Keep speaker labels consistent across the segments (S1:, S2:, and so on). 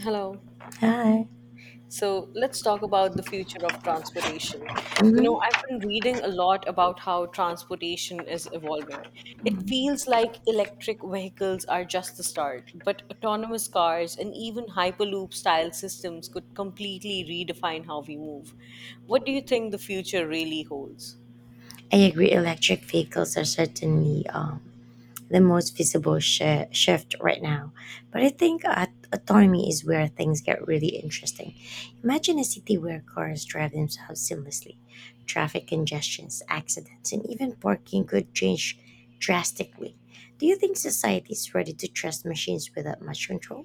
S1: Hello.
S2: Hi.
S1: So let's talk about the future of transportation.
S2: Mhm.
S1: I've been reading a lot about how transportation is evolving. It feels like electric vehicles are just the start, but autonomous cars and even Hyperloop style systems could completely redefine how we move. What do you think the future really holds?
S2: I agree. Electric vehicles are certainly the most visible shift right now. But I think autonomy is where things get really interesting. Imagine a city where cars drive themselves seamlessly. Traffic congestions, accidents, and even parking could change drastically. Do you think society is ready to trust machines without much control?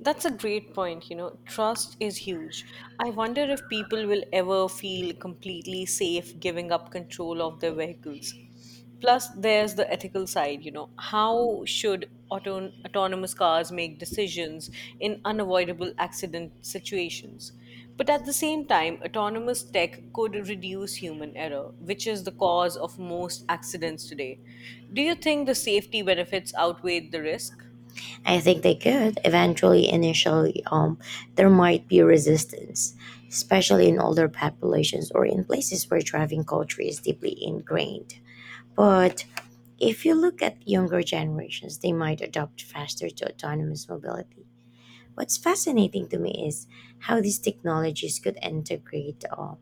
S1: That's a great point. Trust is huge. I wonder if people will ever feel completely safe giving up control of their vehicles. Plus, there's the ethical side. You know, how should autonomous cars make decisions in unavoidable accident situations? But at the same time, autonomous tech could reduce human error, which is the cause of most accidents today. Do you think the safety benefits outweigh the risk?
S2: I think they could. Eventually, initially, there might be resistance, especially in older populations or in places where driving culture is deeply ingrained. But if you look at younger generations, they might adopt faster to autonomous mobility. What's fascinating to me is how these technologies could integrate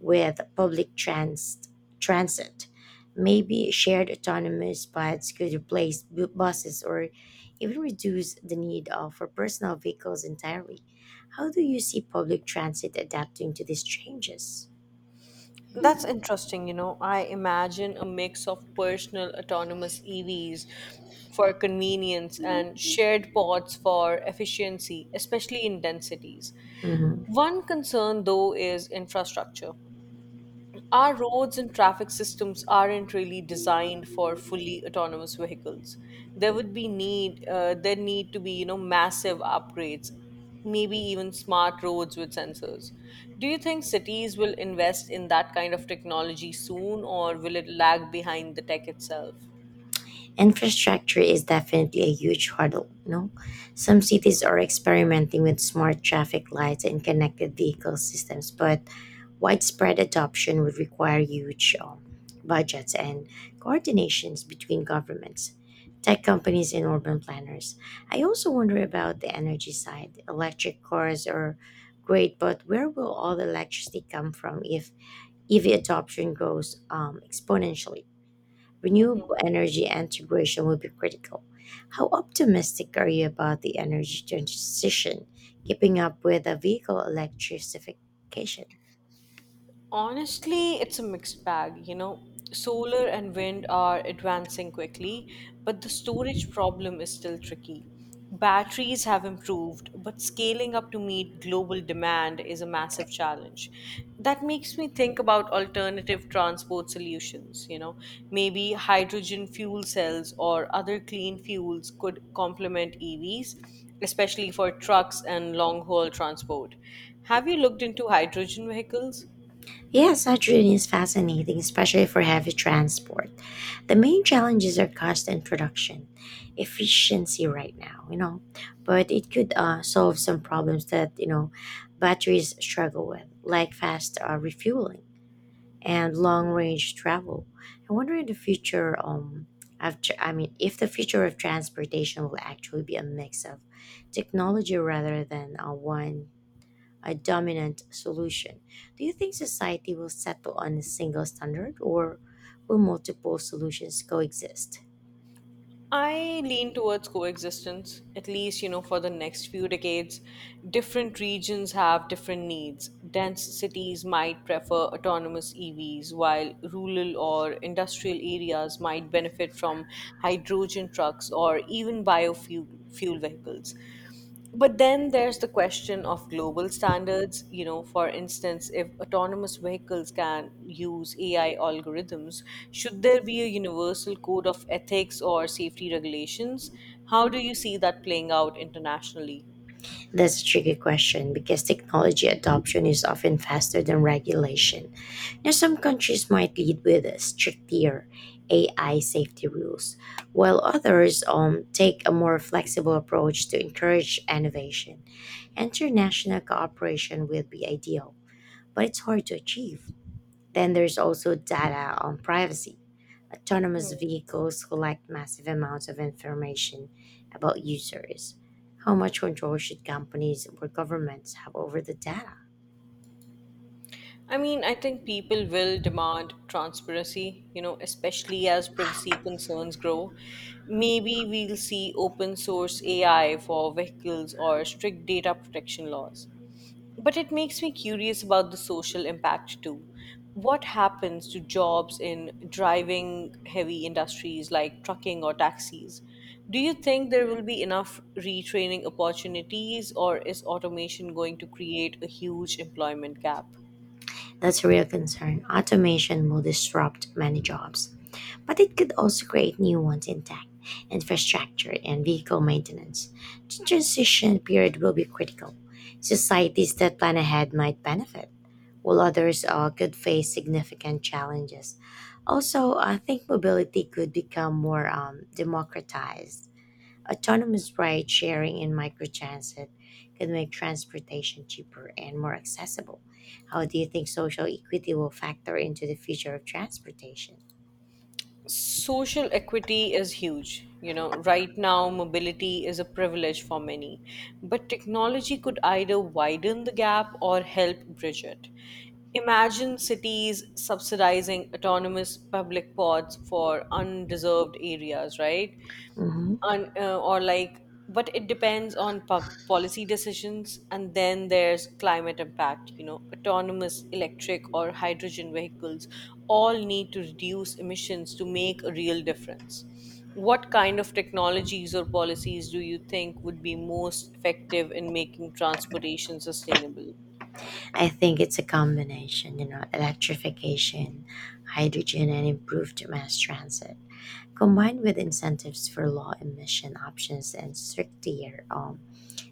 S2: with public transit. Maybe shared autonomous pods could replace buses or even reduce the need of, for personal vehicles entirely. How do you see public transit adapting to these changes?
S1: That's interesting. I imagine a mix of personal autonomous EVs for convenience and shared pods for efficiency, especially in densities.
S2: Mhm.
S1: One concern, though, is infrastructure our roads and traffic systems aren't really designed for fully autonomous vehicles. There need to be massive upgrades, maybe even smart roads with sensors. Do you think cities will invest in that kind of technology soon, or will it lag behind the tech itself?
S2: Infrastructure is definitely a huge hurdle. No, some cities are experimenting with smart traffic lights and connected vehicle systems, but widespread adoption would require huge budgets and coordinations between governments, tech companies, and urban planners. I also wonder about the energy side. Electric cars are great, but where will all the electricity come from if EV adoption grows exponentially? Renewable energy integration will be critical. How optimistic are you about the energy transition keeping up with the vehicle electrification?
S1: Honestly, it's a mixed bag. You know, solar and wind are advancing quickly, but the storage problem is still tricky. Batteries have improved, but scaling up to meet global demand is a massive challenge. That makes me think about alternative transport solutions. Maybe hydrogen fuel cells or other clean fuels could complement EVs, especially for trucks and long haul transport. Have you looked into hydrogen vehicles?
S2: Yes, hydrogen is fascinating, especially for heavy transport. The main challenges are cost and production efficiency right now, you know, but it could solve some problems that, you know, batteries struggle with, like fast refueling and long range travel. I wonder in the future, I mean, if the future of transportation will actually be a mix of technology rather than one a dominant solution. Do you think society will settle on a single standard or will multiple solutions coexist?
S1: I lean towards coexistence, at least, for the next few decades. Different regions have different needs. Dense cities might prefer autonomous EVs, while rural or industrial areas might benefit from hydrogen trucks or even biofuel fuel vehicles. But then there's the question of global standards. You know, for instance, if autonomous vehicles can use AI algorithms, should there be a universal code of ethics or safety regulations? How do you see that playing out internationally?
S2: That's a tricky question because technology adoption is often faster than regulation. Now, some countries might lead with stricter AI safety rules, while others take a more flexible approach to encourage innovation. International cooperation will be ideal, but it's hard to achieve. Then there's also data on privacy. Autonomous vehicles collect massive amounts of information about users. How much control should companies or governments have over the data?
S1: I mean, I think people will demand transparency, especially as privacy concerns grow. Maybe we'll see open source AI for vehicles or strict data protection laws. But it makes me curious about the social impact too. What happens to jobs in driving heavy industries like trucking or taxis? Do you think there will be enough retraining opportunities, or is automation going to create a huge employment gap?
S2: That's a real concern. Automation will disrupt many jobs, but it could also create new ones in tech, infrastructure, and vehicle maintenance. The transition period will be critical. Societies that plan ahead might benefit, while others could face significant challenges. Also, I think mobility could become more democratized. Autonomous ride sharing and microtransit could make transportation cheaper and more accessible. How do you think social equity will factor into the future of transportation?
S1: Social equity is huge. You know, right now, mobility is a privilege for many, but technology could either widen the gap or help bridge it. Imagine cities subsidizing autonomous public pods for undeserved areas, right?
S2: hmm.
S1: un, or like But it depends on policy decisions. And then there's climate impact. You know, autonomous electric or hydrogen vehicles all need to reduce emissions to make a real difference. What kind of technologies or policies do you think would be most effective in making transportation sustainable?
S2: I think it's a combination, you know, electrification, hydrogen, and improved mass transit, combined with incentives for low emission options and stricter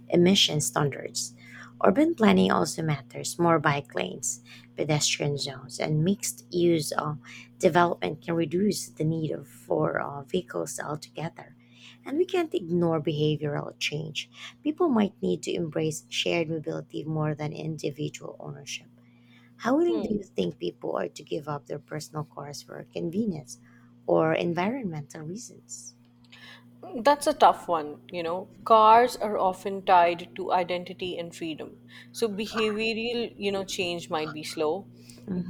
S2: emission standards. Urban planning also matters. More bike lanes, pedestrian zones, and mixed use development can reduce the need of, for vehicles altogether. And we can't ignore behavioral change. People might need to embrace shared mobility more than individual ownership. How willing do you think people are to give up their personal cars for convenience or environmental reasons?
S1: That's a tough one, you know. Cars are often tied to identity and freedom. So behavioral, change might be slow.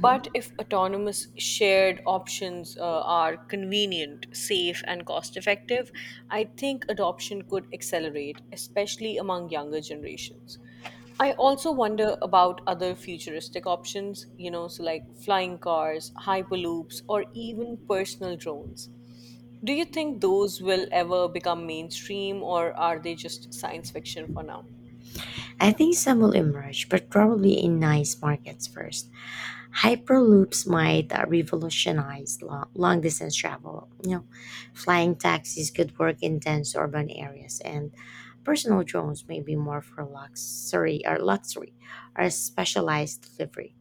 S1: But if autonomous shared options are convenient, safe, and cost effective, I think adoption could accelerate, especially among younger generations. I also wonder about other futuristic options, flying cars, hyperloops, or even personal drones. Do you think those will ever become mainstream, or are they just science fiction for now?
S2: I think some will emerge, but probably in nice markets first. Hyperloops might revolutionize long distance travel. You know, flying taxis could work in dense urban areas, and personal drones may be more for luxury or specialized delivery.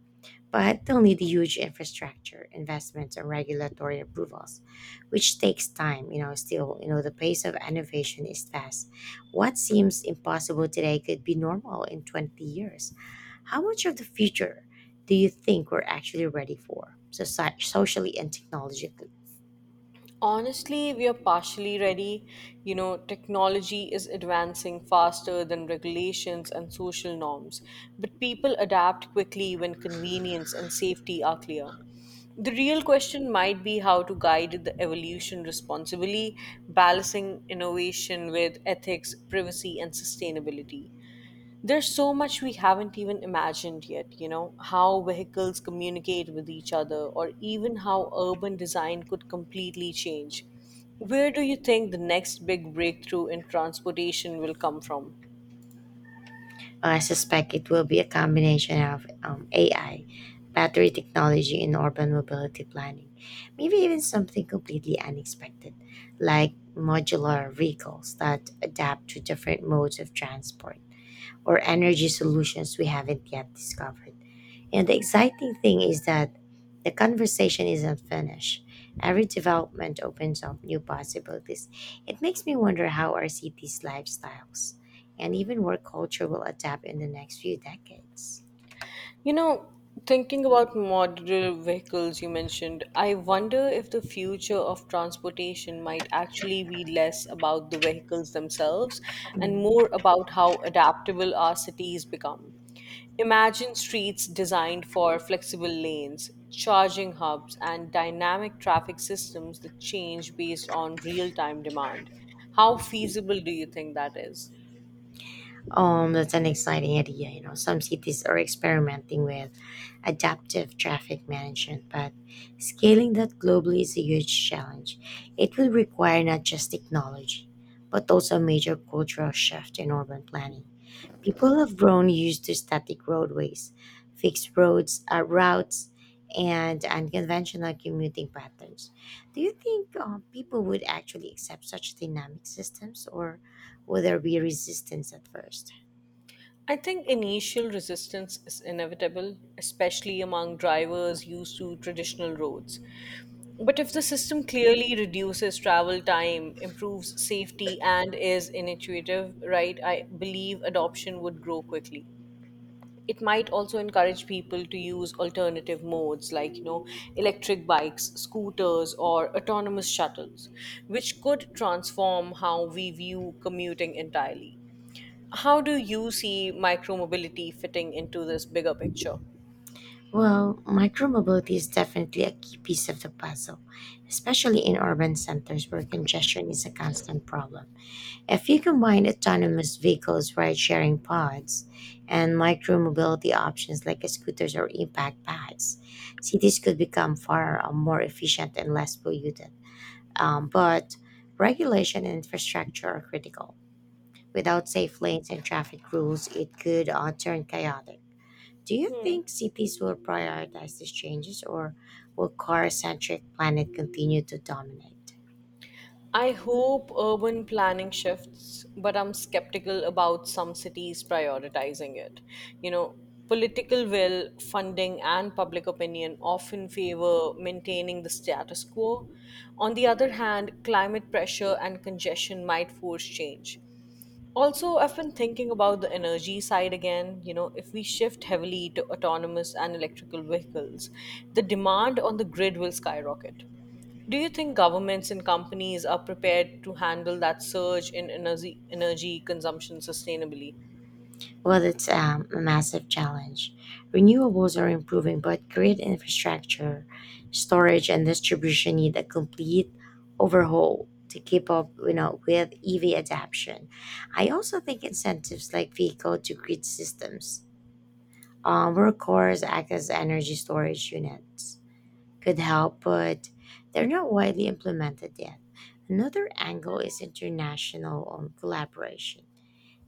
S2: But they'll need huge infrastructure investments and regulatory approvals, which takes time. You know, still, you know, the pace of innovation is fast. What seems impossible today could be normal in 20 years. How much of the future do you think we're actually ready for, socially and technologically?
S1: Honestly, we are partially ready. You know, technology is advancing faster than regulations and social norms, but people adapt quickly when convenience and safety are clear. The real question might be how to guide the evolution responsibly, balancing innovation with ethics, privacy, and sustainability. There's so much we haven't even imagined yet, how vehicles communicate with each other, or even how urban design could completely change. Where do you think the next big breakthrough in transportation will come from?
S2: I suspect it will be a combination of AI, battery technology, and urban mobility planning. Maybe even something completely unexpected, like modular vehicles that adapt to different modes of transport or energy solutions we haven't yet discovered. And the exciting thing is that the conversation isn't finished. Every development opens up new possibilities. It makes me wonder how our cities' lifestyles and even work culture will adapt in the next few decades.
S1: You know, thinking about modular vehicles you mentioned, I wonder if the future of transportation might actually be less about the vehicles themselves and more
S2: Mm.
S1: about how adaptable our cities become. Imagine streets designed for flexible lanes, charging hubs, and dynamic traffic systems that change based on real time demand. How feasible do you think that is?
S2: That's an exciting idea. You know, some cities are experimenting with adaptive traffic management, but scaling that globally is a huge challenge. It will require not just technology, but also a major cultural shift in urban planning. People have grown used to static roadways, routes, and unconventional commuting patterns. Do you think people would actually accept such dynamic systems, or will there be resistance at first?
S1: I think initial resistance is inevitable, especially among drivers used to traditional roads. But if the system clearly reduces travel time, improves safety, and is intuitive, right, I believe adoption would grow quickly. It might also encourage people to use alternative modes like, electric bikes, scooters, or autonomous shuttles, which could transform how we view commuting entirely. How do you see micromobility fitting into this bigger picture?
S2: Well, micromobility is definitely a key piece of the puzzle, especially in urban centers where congestion is a constant problem. If you combine autonomous vehicles, ride sharing pods, and micromobility options like scooters or impact bikes, cities could become far more efficient and less polluted. But regulation and infrastructure are critical. Without safe lanes and traffic rules, it could turn chaotic. Do you
S1: Hmm.
S2: think cities will prioritize these changes, or will car-centric planet continue to dominate?
S1: I hope urban planning shifts, but I'm skeptical about some cities prioritizing it. You know, political will, funding, and public opinion often favor maintaining the status quo. On the other hand, climate pressure and congestion might force change. Also, I've been thinking about the energy side again. You know, if we shift heavily to autonomous and electrical vehicles, the demand on the grid will skyrocket. Do you think governments and companies are prepared to handle that surge in energy consumption sustainably?
S2: Well, it's a massive challenge. Renewables are improving, but grid infrastructure, storage, and distribution need a complete overhaul to keep up, you know, with EV adoption. I also think incentives like vehicle to grid systems, where cars act as energy storage units could help, but they're not widely implemented yet. Another angle is international collaboration.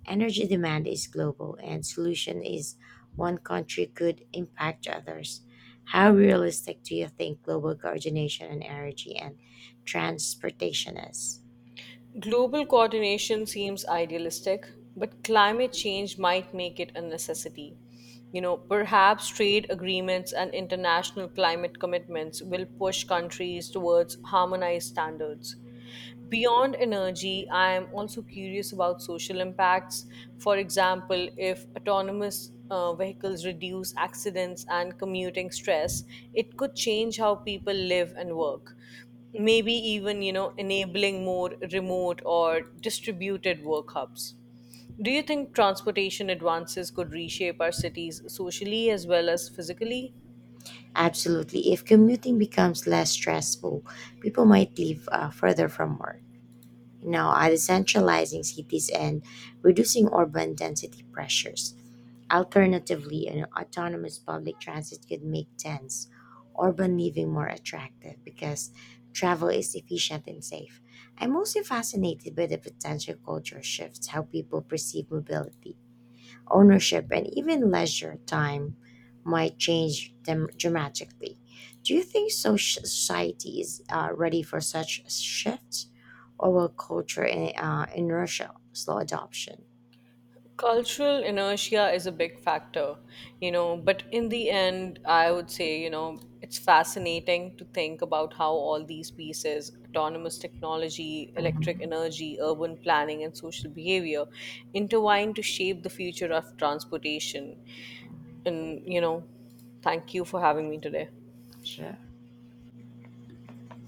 S2: Energy demand is global, and solution is one country could impact others. How realistic do you think global coordination in energy and transportation is?
S1: Global coordination seems idealistic, but climate change might make it a necessity. You know, perhaps trade agreements and international climate commitments will push countries towards harmonized standards. Beyond energy, I am also curious about social impacts. For example, if autonomous vehicles reduce accidents and commuting stress, it could change how people live and work, maybe even enabling more remote or distributed work hubs. Do you think transportation advances could reshape our cities socially as well as physically?
S2: Absolutely. If commuting becomes less stressful, people might live further from work. You know, decentralizing cities and reducing urban density pressures. Alternatively, an autonomous public transit could make dense urban living more attractive because travel is efficient and safe. I'm also fascinated by the potential cultural shifts. How people perceive mobility, ownership, and even leisure time might change dramatically. Do you think society is ready for such shifts, or will culture inertia slow adoption?
S1: Cultural inertia is a big factor. But in the end, I would say, it's fascinating to think about how all these pieces, autonomous technology, electric
S2: Mhm.
S1: energy, urban planning, and social behavior intertwine to shape the future of transportation. And thank you for having me today.
S2: Sure.